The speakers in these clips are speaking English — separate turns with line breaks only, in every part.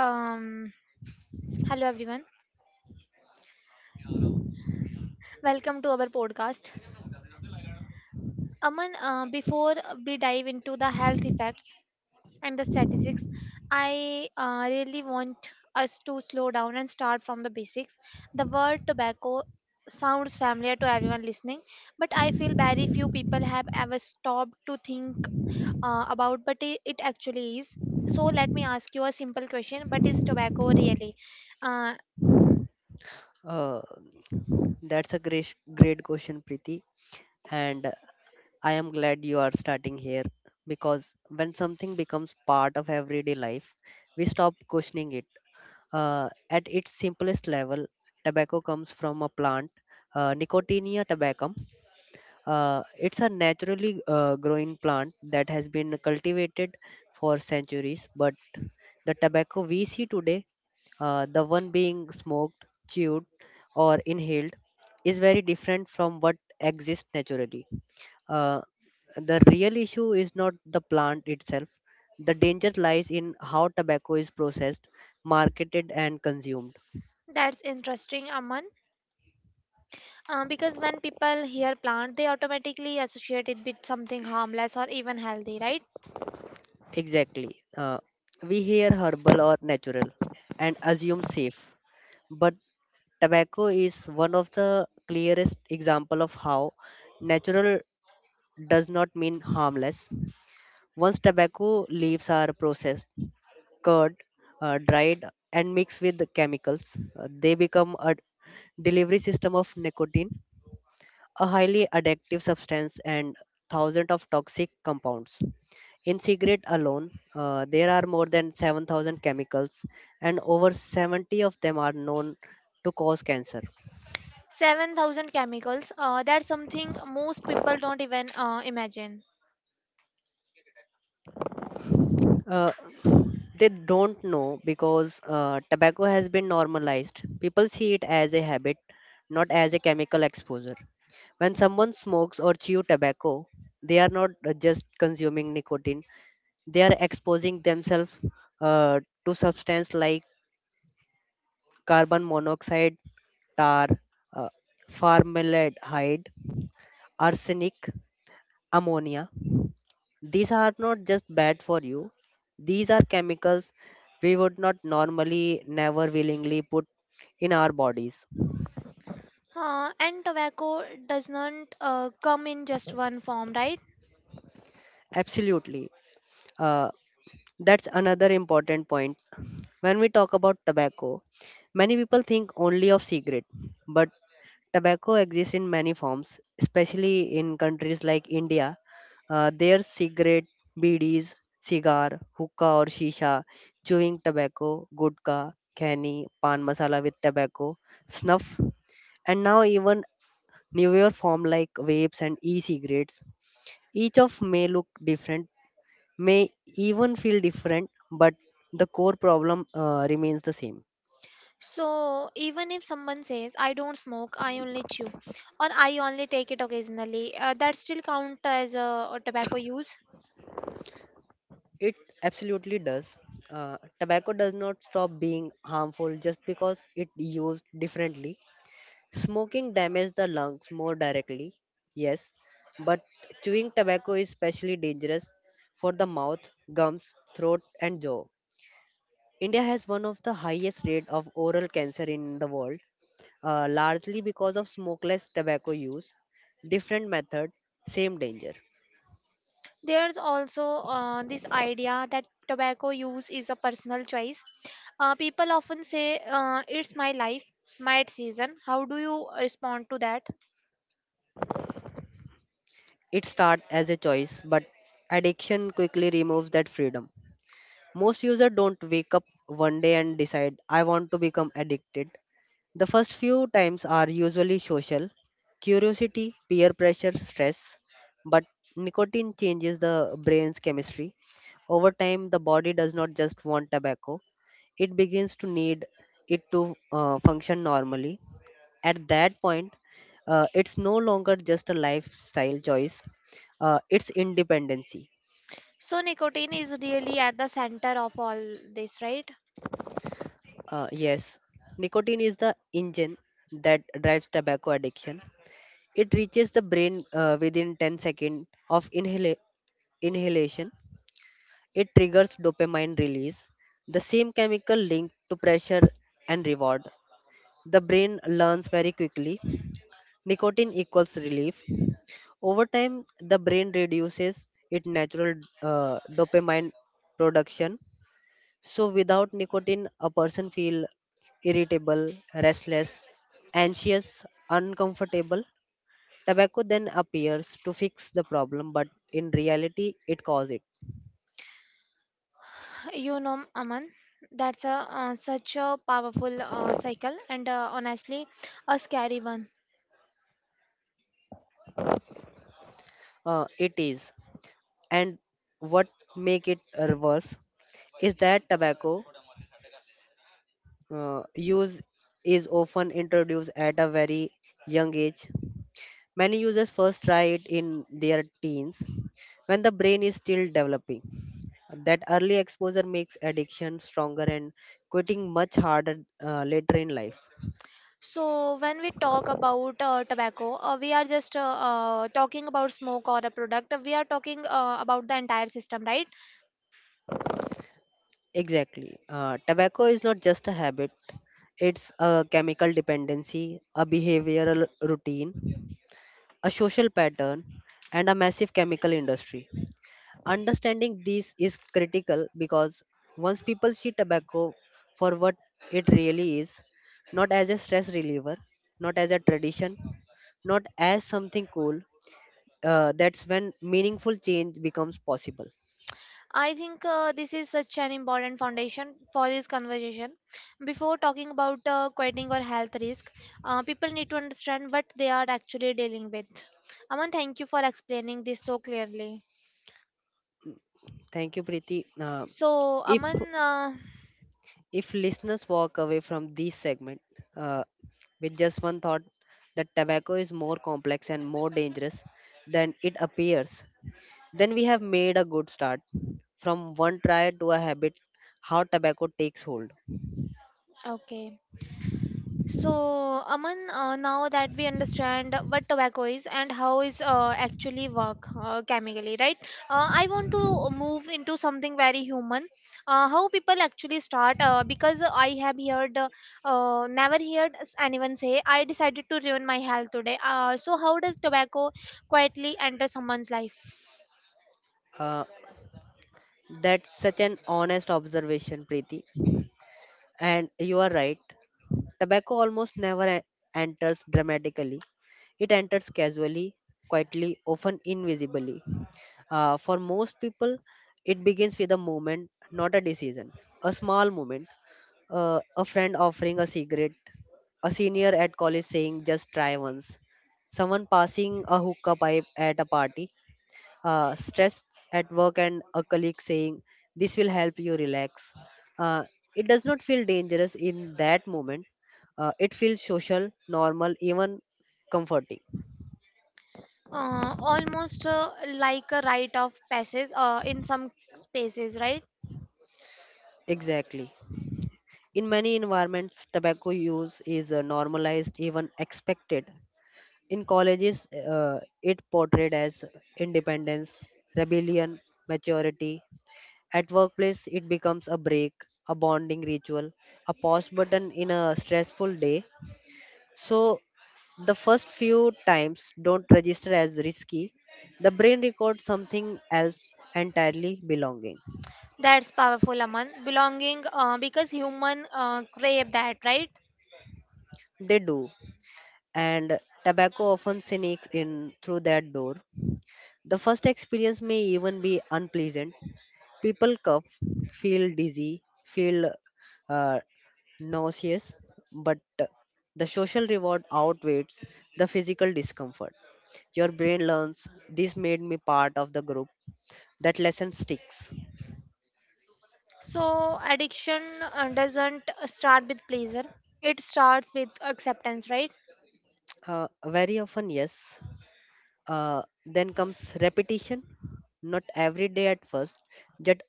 Um, Hello everyone. Welcome to our podcast. Aman, before we dive into the health effects and the statistics, I really want us to slow down and start from the basics. The word tobacco sounds familiar to everyone listening, but I feel very few people have ever stopped to think about but it actually is. So let me ask you a simple question, but is tobacco really? Uh,
Uh, that's a great, great question, Preeti. And I am glad you are starting here because when something becomes part of everyday life, we stop questioning it. At its simplest level, tobacco comes from a plant, Nicotinia tobaccum. It's a naturally growing plant that has been cultivated for centuries, but the tobacco we see today, the one being smoked, chewed, or inhaled, is very different from what exists naturally. Uh, the real issue is not the plant itself. The danger lies in how tobacco is processed, marketed, and consumed.
that's interesting, Aman. Because when people hear plant, they automatically associate it with something harmless or even healthy, right?
Exactly. We hear herbal or natural and assume safe, but tobacco is one of the clearest example of how natural does not mean harmless. Once tobacco leaves are processed, cured, dried, and mixed with the chemicals, they become a delivery system of nicotine, a highly addictive substance, and thousands of toxic compounds. In cigarette alone, there are more than 7,000 chemicals, and over 70 of them are known to cause cancer.
7,000 chemicals, that's something most people don't even imagine.
Uh, they don't know because tobacco has been normalized. People see it as a habit, not as a chemical exposure. When someone smokes or chews tobacco, they are not just consuming nicotine, they are exposing themselves uh, to substance like carbon monoxide, tar, uh, formaldehyde, arsenic, ammonia. These are not just bad for you, these are chemicals we would not normally, never willingly put in our bodies.
And tobacco does not come in just one form, right?
Absolutely. Uh, That's another important point. When we talk about tobacco, many people think only of cigarette, but tobacco exists in many forms, especially in countries like India. There's cigarette, BDs, cigar, hookah or shisha, chewing tobacco, gudka, khani, pan masala with tobacco, snuff, and now even newer form like vapes and e-cigarettes. Each of may look different may even feel different, but the core problem remains the same.
So even if someone says, I don't smoke, I only chew, or I only take it occasionally, that still count as tobacco use.
It absolutely does. Tobacco does not stop being harmful just because it used differently. Smoking damages the lungs more directly, yes, but chewing tobacco is especially dangerous for the mouth, gums, throat, and jaw. India has one of the highest rate of oral cancer in the world, largely because of smokeless tobacco use. Different method, same danger.
There's also this idea that tobacco use is a personal choice. People often say, It's my life, my decision." How do you respond to that?
It starts as a choice, but addiction quickly removes that freedom. Most users don't wake up one day and decide, I want to become addicted. The first few times are usually social curiosity, peer pressure, stress, but nicotine changes the brain's chemistry. Over time, the body does not just want tobacco, it begins to need it to function normally. At that point, it's no longer just a lifestyle choice, it's independency.
So, nicotine is really at the center of all this, right?
Yes, nicotine is the engine that drives tobacco addiction. It reaches the brain within 10 seconds of inhalation. It triggers dopamine release, the same chemical linked to pressure and reward. The brain learns very quickly: nicotine equals relief. Over time, the brain reduces its natural dopamine production. So, without nicotine, a person feel irritable, restless, anxious, uncomfortable. Tobacco then appears to fix the problem, but in reality, it causes it.
You know, Aman, that's a such a powerful cycle and honestly a scary one.
It is, and what make it worse is that tobacco use is often introduced at a very young age. Many users first try it in their teens when the brain is still developing. That early exposure makes addiction stronger and quitting much harder later in life.
So when we talk about tobacco, we are just talking about smoke or a product. We are talking about the entire system, right?
Exactly. Tobacco is not just a habit, it's a chemical dependency, a behavioral routine, a social pattern, and a massive chemical industry. Understanding this is critical because once people see tobacco for what it really is, not as a stress reliever, not as a tradition, not as something cool, that's when meaningful change becomes possible.
I think this is such an important foundation for this conversation. Before talking about quitting or health risk, people need to understand what they are actually dealing with. Aman, thank you for explaining this so clearly.
Thank you, Preeti.
So,
If
Aman,
if listeners walk away from this segment uh, with just one thought that tobacco is more complex and more dangerous than it appears, then we have made a good start. From one try to a habit, how tobacco takes hold.
okay. So, Aman, now that we understand what tobacco is and how is actually work chemically, right? I want to move into something very human. How people actually start because I have heard, never heard anyone say, I decided to ruin my health today. So, how does tobacco quietly enter someone's life?
Uh, that's such an honest observation, Preeti. And you are right. Tobacco almost never enters dramatically. It enters casually, quietly, often invisibly. For most people, it begins with a moment, not a decision. A small moment, a friend offering a cigarette, a senior at college saying, just try once, someone passing a hookah pipe at a party, stress at work, and a colleague saying, this will help you relax. Uh, it does not feel dangerous in that moment. It feels social, normal, even comforting.
Almost like a rite of passage in some spaces, right?
Exactly. In many environments, tobacco use is normalized, even expected. In colleges, it portrayed as independence, rebellion, maturity. At workplace, it becomes a break, a bonding ritual, a pause button in a stressful day. So, the first few times don't register as risky. The brain records something else entirely: belonging.
That's powerful, Aman. Belonging, because human crave that, right?
They do, and tobacco often sneaks in through that door. The first experience may even be unpleasant. People cough, feel dizzy, feel uh, nauseous, but the social reward outweighs the physical discomfort. Your brain learns this made me part of the group. That lesson sticks.
So addiction doesn't start with pleasure. It starts with acceptance, right?
Very often, yes. Then comes repetition, not every day at first, just,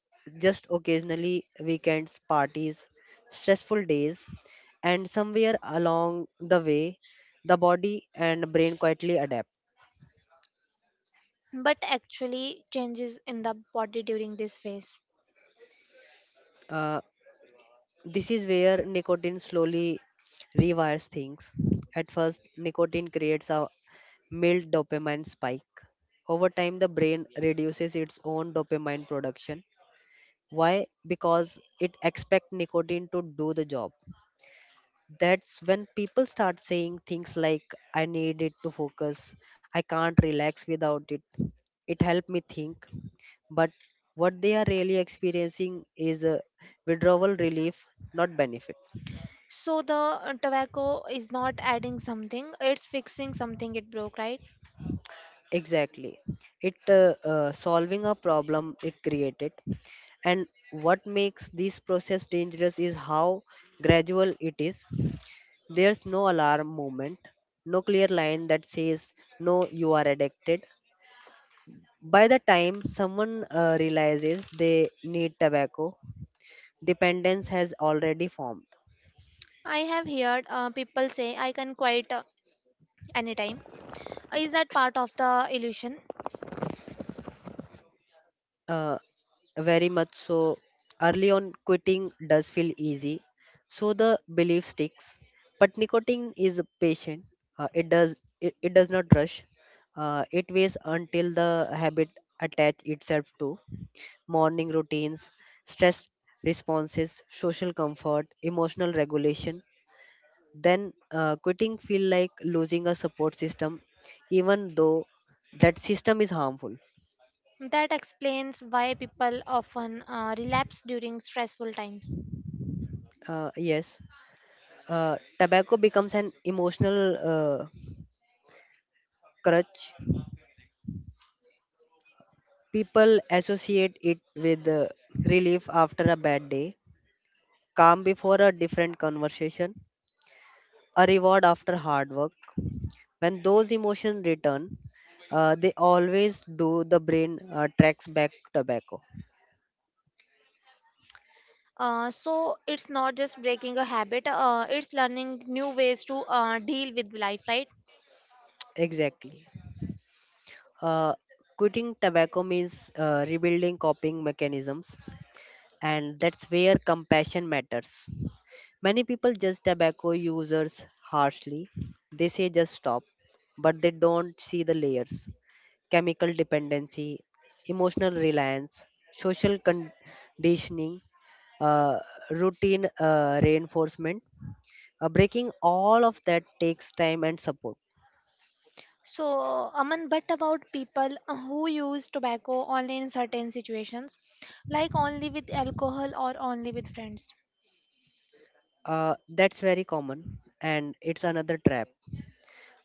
just occasionally, weekends, parties, stressful days, and somewhere along the way, the body and brain quietly adapt.
But actually changes in the body during this phase.
Uh, this is where nicotine slowly rewires things. At first, nicotine creates a mild dopamine spike. Over time, the brain reduces its own dopamine production. Why? Because it expect nicotine to do the job. That's when people start saying things like, I need it to focus. I can't relax without it. It helped me think. But what they are really experiencing is a withdrawal relief, not benefit.
So the tobacco is not adding something; it's fixing something it broke, right?
Exactly. It solving a problem it created. And what makes this process dangerous is how gradual it is. There's no alarm moment, no clear line that says, no, you are addicted. By the time someone realizes they need tobacco, dependence has already formed.
I have heard people say I can quit anytime. Is that part of the illusion?
Uh, Very much so. Early on, quitting does feel easy, so the belief sticks. But nicotine is patient. It does not rush. It waits until the habit attach itself to morning routines, stress responses, social comfort, emotional regulation. Then quitting feel like losing a support system, even though that system is harmful.
That explains why people often relapse during stressful times.
Yes, tobacco becomes an emotional crutch. People associate it with relief after a bad day, calm before a different conversation, a reward after hard work. When those emotions return, they always do, the brain tracks back tobacco.
So it's not just breaking a habit, it's learning new ways to deal with life, right?
Exactly. Uh, Quitting tobacco means rebuilding coping mechanisms, and that's where compassion matters. Many people judge tobacco users harshly. They say just stop, but they don't see the layers: chemical dependency, emotional reliance, social conditioning, uh, routine reinforcement. Breaking all of that takes time and support.
So, Aman, but about people who use tobacco only in certain situations, like only with alcohol or only with friends.
That's very common, and it's another trap.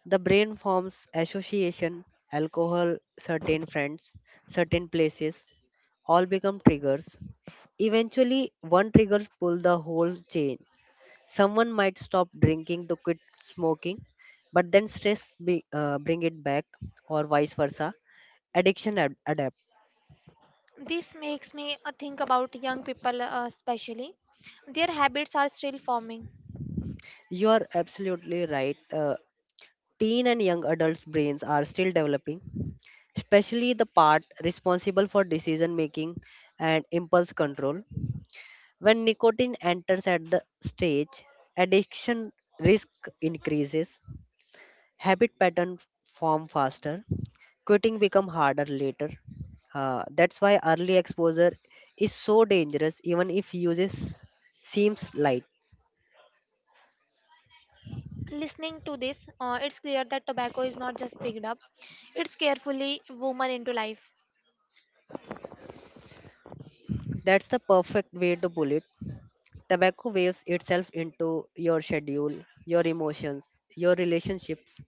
The brain forms association, alcohol, certain friends, certain places, all become triggers. Eventually, one trigger pulls the whole chain. Someone might stop drinking to quit smoking, but then stress bring it back, or vice versa. Addiction adapt.
This makes me think about young people, especially. Their habits are still forming.
You are absolutely right. Teen and young adults' brains are still developing, especially the part responsible for decision making and impulse control. When nicotine enters at the stage, addiction risk increases, habit pattern form faster, quitting become harder later. That's why early exposure is so dangerous even if uses seems light.
Listening to this, it's clear that tobacco is not just picked up, it's carefully woven into life.
That's the perfect way to pull it. Tobacco waves itself into your schedule, your emotions, your relationships.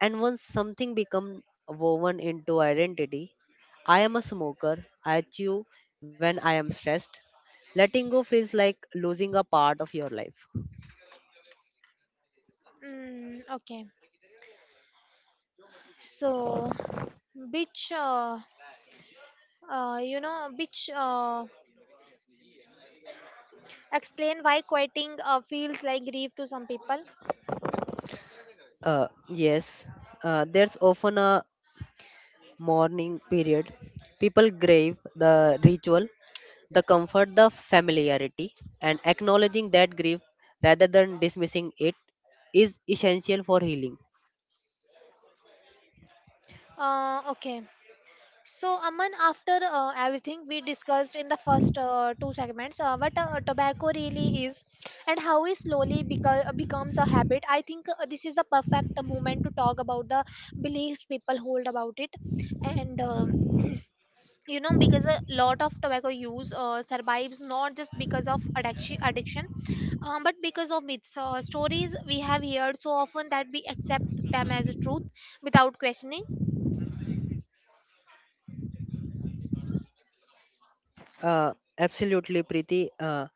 And once something become woven into identity, I am a smoker, I chew when I am stressed. Letting go feels like losing a part of your life.
Mm, okay, so which you know which explain why quitting feels like grief to some people.
Yes, there's often a mourning period. People grieve the ritual, the comfort, the familiarity, and acknowledging that grief rather than dismissing it is essential for healing.
Okay, so, Aman, after everything we discussed in the first two segments, what tobacco really is and how it slowly becomes a habit, I think this is the perfect moment to talk about the beliefs people hold about it. And, because a lot of tobacco use survives not just because of addiction, but because of myths stories we have heard so often that we accept them as a truth without questioning.
Uh, Absolutely, Preeti.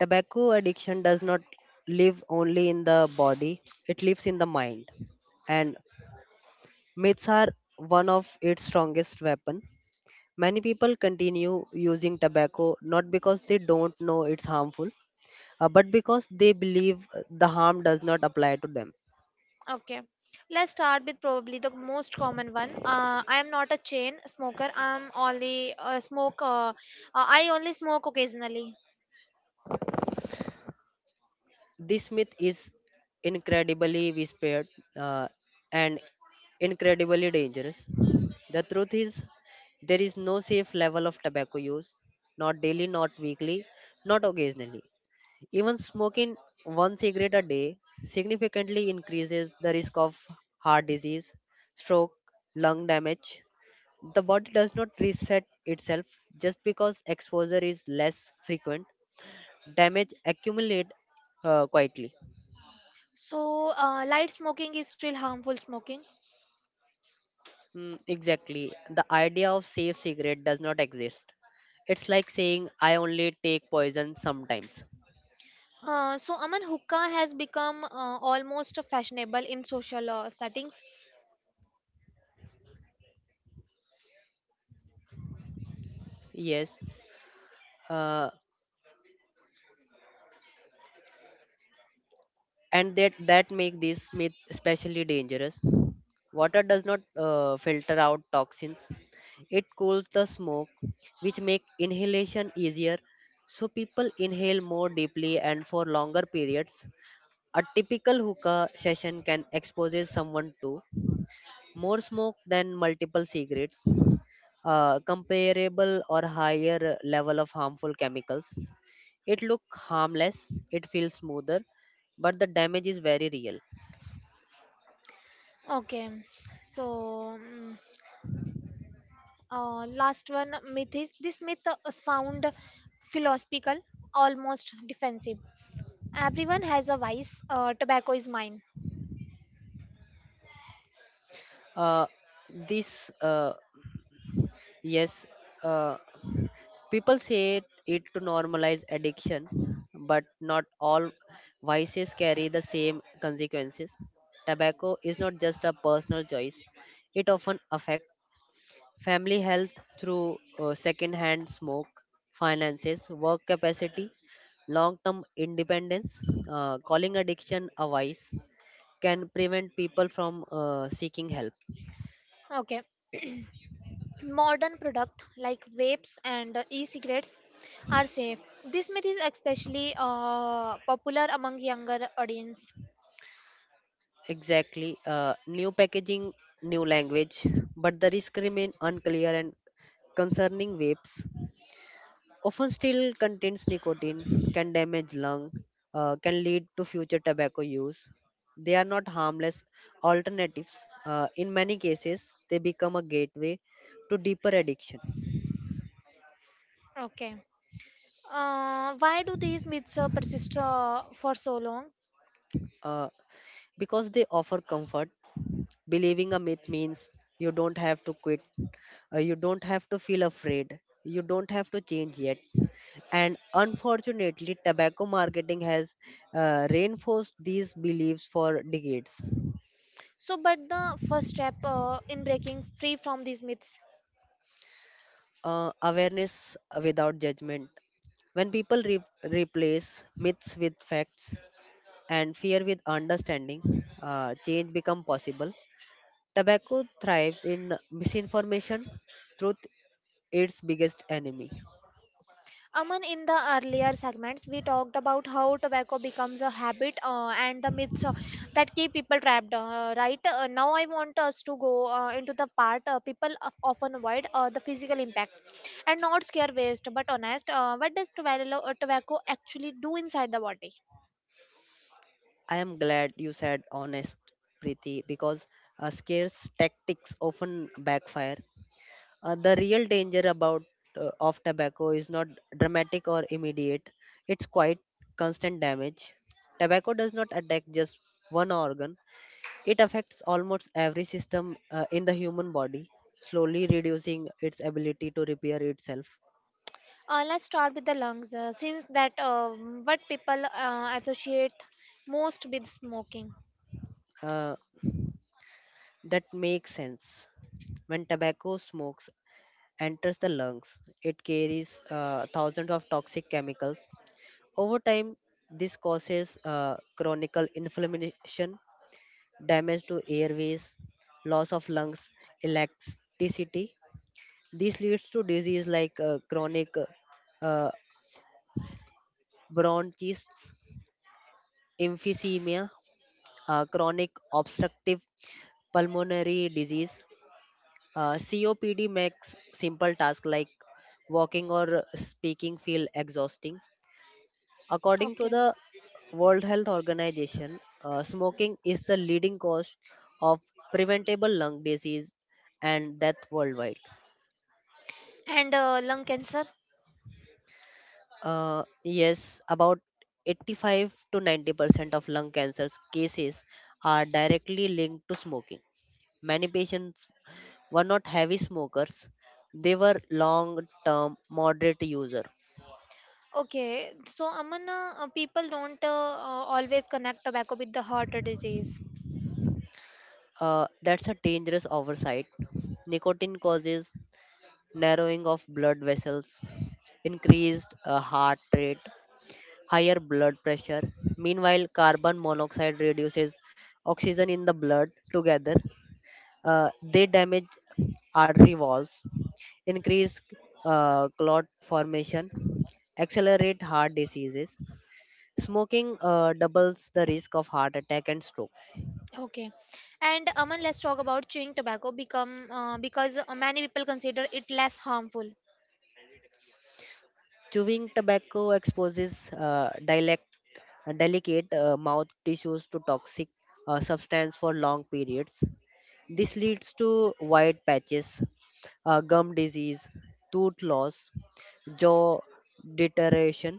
Tobacco addiction does not live only in the body, it lives in the mind. And myths are one of its strongest weapon. Many people continue using tobacco not because they don't know it's harmful, but because they believe the harm does not apply to them.
Okay, let's start with probably the most common one. I am not a chain smoker. I'm only smoke. I only smoke occasionally.
This myth is incredibly whispered uh, and incredibly dangerous. The truth is, there is no safe level of tobacco use, not daily, not weekly, not occasionally. Even smoking one cigarette a day significantly increases the risk of heart disease, stroke, lung damage. The body does not reset itself just because exposure is less frequent. Damage accumulates quietly.
So light smoking is still harmful smoking.
Mm, exactly. The idea of safe cigarette does not exist. It's like saying I only take poison sometimes.
So Aman, hookah has become almost fashionable in social settings.
Yes, uh, and that make this myth especially dangerous. Water does not filter out toxins. It cools the smoke, which make inhalation easier. So people inhale more deeply and for longer periods. A typical hookah session can expose someone to more smoke than multiple cigarettes. Comparable or higher level of harmful chemicals. It look harmless, it feels smoother, but the damage is very real.
Okay, so mm, last one myth is this myth sound philosophical, almost defensive. Everyone has a vice. Tobacco is mine.
Uh, this uh, yes, uh, People say it to normalize addiction, but not all vices carry the same consequences. Tobacco is not just a personal choice; it often affects family health through second hand smoke, finances, work capacity, long term independence, calling addiction a vice can prevent people from seeking help.
Okay. Modern products like vapes and e-cigarettes are safe. This myth is especially popular among younger audience.
Exactly. New packaging, new language, but the risk remain unclear and concerning vapes. Often still contains nicotine, can damage lung, can lead to future tobacco use. They are not harmless alternatives. In many cases, they become a gateway to deeper addiction
Okay. Why do these myths persist for so long?
uh, because they offer comfort. Believing a myth means you don't have to quit, you don't have to feel afraid, you don't have to change yet. And unfortunately, tobacco marketing has reinforced these beliefs for decades
So, but the first step in breaking free from these myths.
awareness without judgment. When people replace myths with facts and fear with understanding, change become possible. Tobacco thrives in misinformation. Truth, its biggest enemy.
Aman, in the earlier segments, we talked about how tobacco becomes a habit and the myths that keep people trapped, right? Now, I want us to go into the part people often avoid the physical impact and not scare waste, but honest. What does tobacco, tobacco actually do inside the body?
I am glad you said honest, Preeti, because scarce tactics often backfire. The real danger about of tobacco is not dramatic or immediate. It's quite constant damage. Tobacco does not attack just one organ. It affects almost every system in the human body, slowly reducing its ability to repair itself.
Let's start with the lungs, since that what people associate most with smoking.
Uh, that makes sense. When tobacco smokes enters the lungs, it carries thousands of toxic chemicals. Over time, this causes chronic inflammation damage to airways, loss of lungs, electricity. This leads to disease like chronic uh, bronchitis, emphysema, chronic obstructive pulmonary disease. COPD makes simple tasks like walking or speaking feel exhausting. According to
Okay.
the World Health Organization, smoking is the leading cause of preventable lung disease and death worldwide.
And lung cancer?
Yes, about 85 to 90% of lung cancers cases are directly linked to smoking. Many patients were not heavy smokers, they were long term moderate user.
Okay, so Amana, people don't always connect tobacco with the heart disease.
That's a dangerous oversight. Nicotine causes narrowing of blood vessels, increased heart rate, higher blood pressure. Meanwhile, carbon monoxide reduces oxygen in the blood together. They damage artery walls, increase clot formation, accelerate heart diseases. Smoking doubles the risk of heart attack and stroke.
Okay, and Aman, let's talk about chewing tobacco become because many people consider it less harmful.
Chewing tobacco exposes delicate mouth tissues to toxic substance for long periods. This leads to white patches, gum disease, tooth loss, jaw deterioration.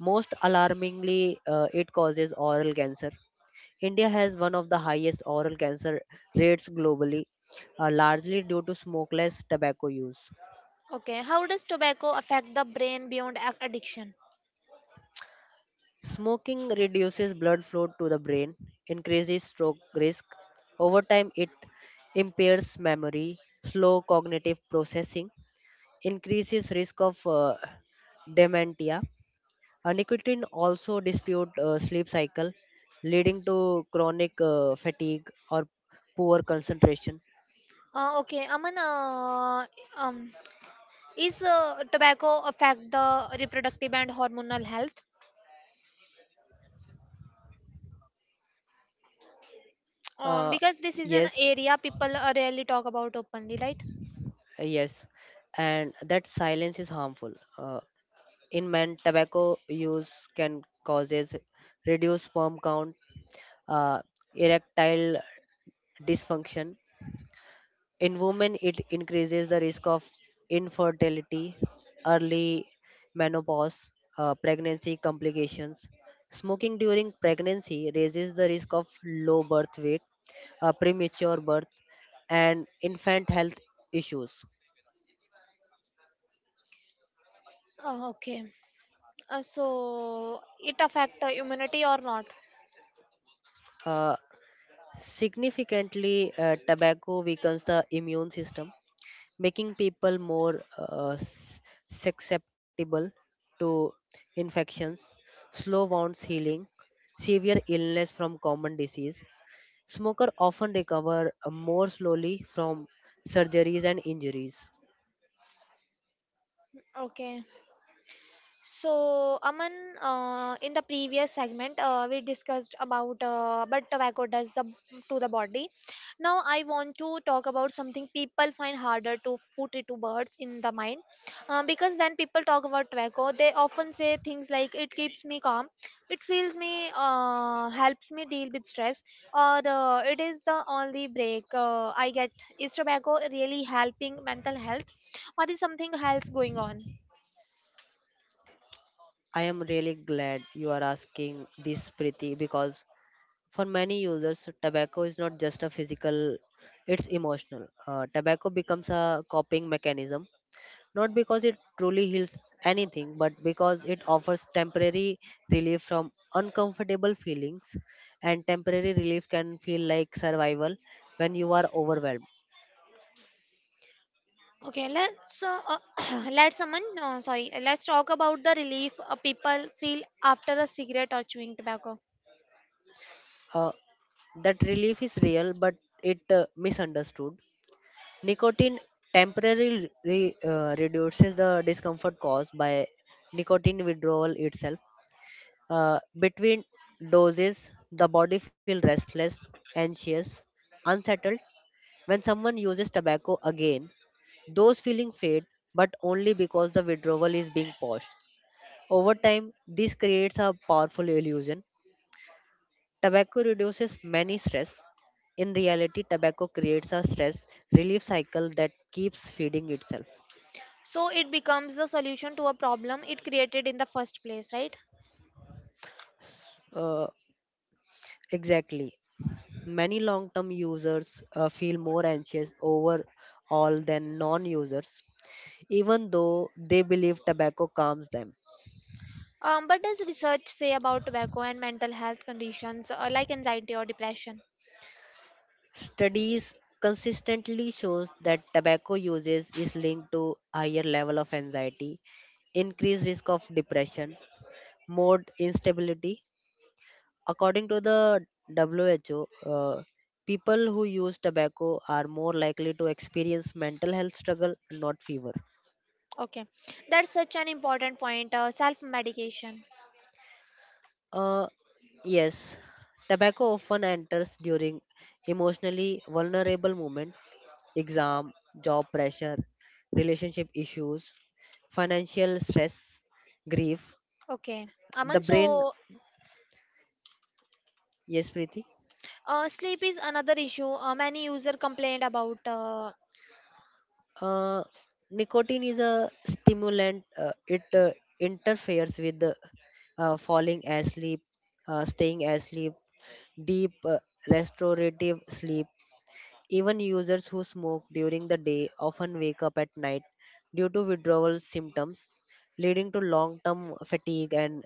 Most alarmingly, it causes oral cancer. India has one of the highest oral cancer rates globally, largely due to smokeless tobacco use.
Okay, how does tobacco affect the brain beyond addiction?
Smoking reduces blood flow to the brain, increases stroke risk. Over time, it impairs memory, slow cognitive processing, increases risk of dementia. Nicotine also dispute sleep cycle, leading to chronic fatigue or poor concentration.
Okay, Aman, um, is tobacco affect the reproductive and hormonal health?
Uh,
Because this is an
yes,
area people rarely talk about openly, right?
yes, and that silence is harmful. Uh, in men, tobacco use can causes reduced sperm count, uh, erectile dysfunction. In women, it increases the risk of infertility, early menopause, pregnancy complications. Smoking during pregnancy raises the risk of low birth weight, premature birth, and infant health issues.
Okay. So it affect immunity or not?
Uh, Significantly, tobacco weakens the immune system making people more susceptible to infections, slow wounds healing, severe illness from common disease. Smoker often recover more slowly from surgeries and injuries.
Okay. So, Aman, in the previous segment, we discussed about what tobacco does the, to the body. Now, I want to talk about something people find harder to put into words in the mind. Because when people talk about tobacco, they often say things like, it keeps me calm, it feels me, helps me deal with stress, or it is the only break I get. Is tobacco really helping mental health, or is something else going on?
I am really glad you are asking this, Preeti, because for many users, tobacco is not just a physical, it's emotional. Tobacco becomes a coping mechanism not because it truly heals anything, but because it offers temporary relief from uncomfortable feelings. And temporary relief can feel like survival when you are overwhelmed.
Okay, let's let someone. No, sorry, let's talk about the relief people feel after a cigarette or chewing tobacco.
Uh, that relief is real, but it misunderstood. Nicotine temporarily reduces the discomfort caused by nicotine withdrawal itself. Between doses, the body feels restless, anxious, unsettled. When someone uses tobacco again, those feelings fade, but only because the withdrawal is being paused. Over time, this creates a powerful illusion. Tobacco reduces many stress. In reality, tobacco creates a stress relief cycle that keeps feeding itself.
So it becomes the solution to a problem it created in the first place, right?
Uh, exactly. Many long term users feel more anxious overall than non users, even though they believe tobacco calms them.
But does research say about tobacco and mental health conditions like anxiety or depression?
Studies consistently shows that tobacco uses is linked to higher level of anxiety, increased risk of depression, mood instability. According to the WHO, people who use tobacco are more likely to experience mental health struggle, not fever.
Okay, that's such an important point. Self-medication.
Uh, yes, tobacco often enters during emotionally vulnerable moment exam, job pressure, relationship issues, financial stress, grief,
Okay,
the
Aman.
brain. Yes, Preeti.
Sleep is another issue many user complained about.
Uh, nicotine is a stimulant. It interferes with falling asleep, staying asleep, deep restorative sleep. Even users who smoke during the day often wake up at night due to withdrawal symptoms, leading to long term fatigue and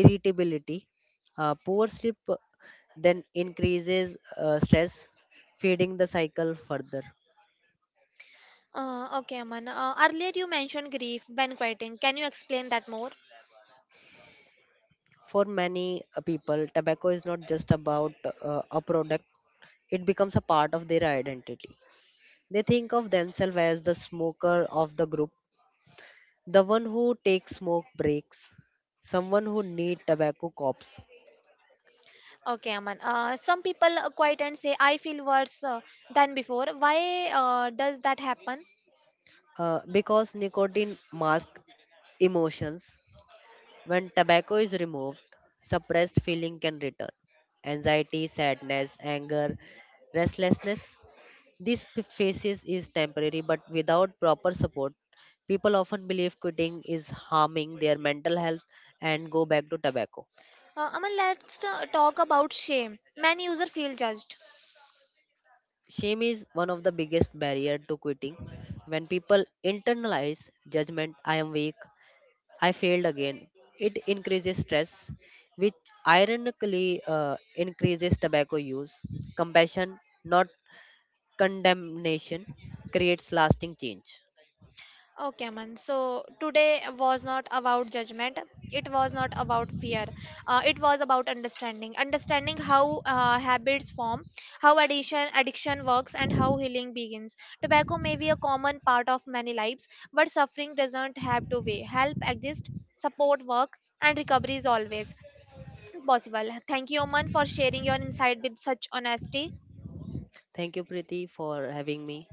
irritability. Poor sleep then increases stress, feeding the cycle further.
Uh, okay, Aman. Earlier you mentioned grief when quieting. Can you explain that more?
For many people, tobacco is not just about a product, it becomes a part of their identity. They think of themselves as the smoker of the group. The one who takes smoke breaks, someone who need tobacco cops,
Okay, Aman. Some people quiet and say, I feel worse than before. Why does that happen?
because nicotine masks emotions. When tobacco is removed, suppressed feeling can return. Anxiety, sadness, anger, restlessness. This phases is temporary, but without proper support, people often believe quitting is harming their mental health and go back to tobacco.
Aman, let's talk about shame. Many users feel judged.
Shame is one of the biggest barrier to quitting. When people internalize judgment, I am weak, I failed again, it increases stress, which ironically increases tobacco use. Compassion, not condemnation, creates lasting change.
Okay, Aman. So today was not about judgment. It was not about fear. It was about understanding. Understanding how habits form, how addiction works, and how healing begins. Tobacco may be a common part of many lives, but suffering doesn't have to weigh. Help exists, support work, and recovery is always possible. Thank you, Aman, for sharing your insight with such honesty.
Thank you, Preeti, for having me.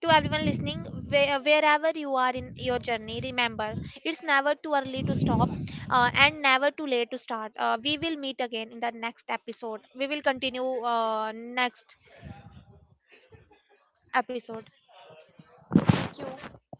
To everyone listening, where, wherever you are in your journey, remember it's never too early to stop and never too late to start. We will meet again in the next episode. We will continue next episode. Thank you.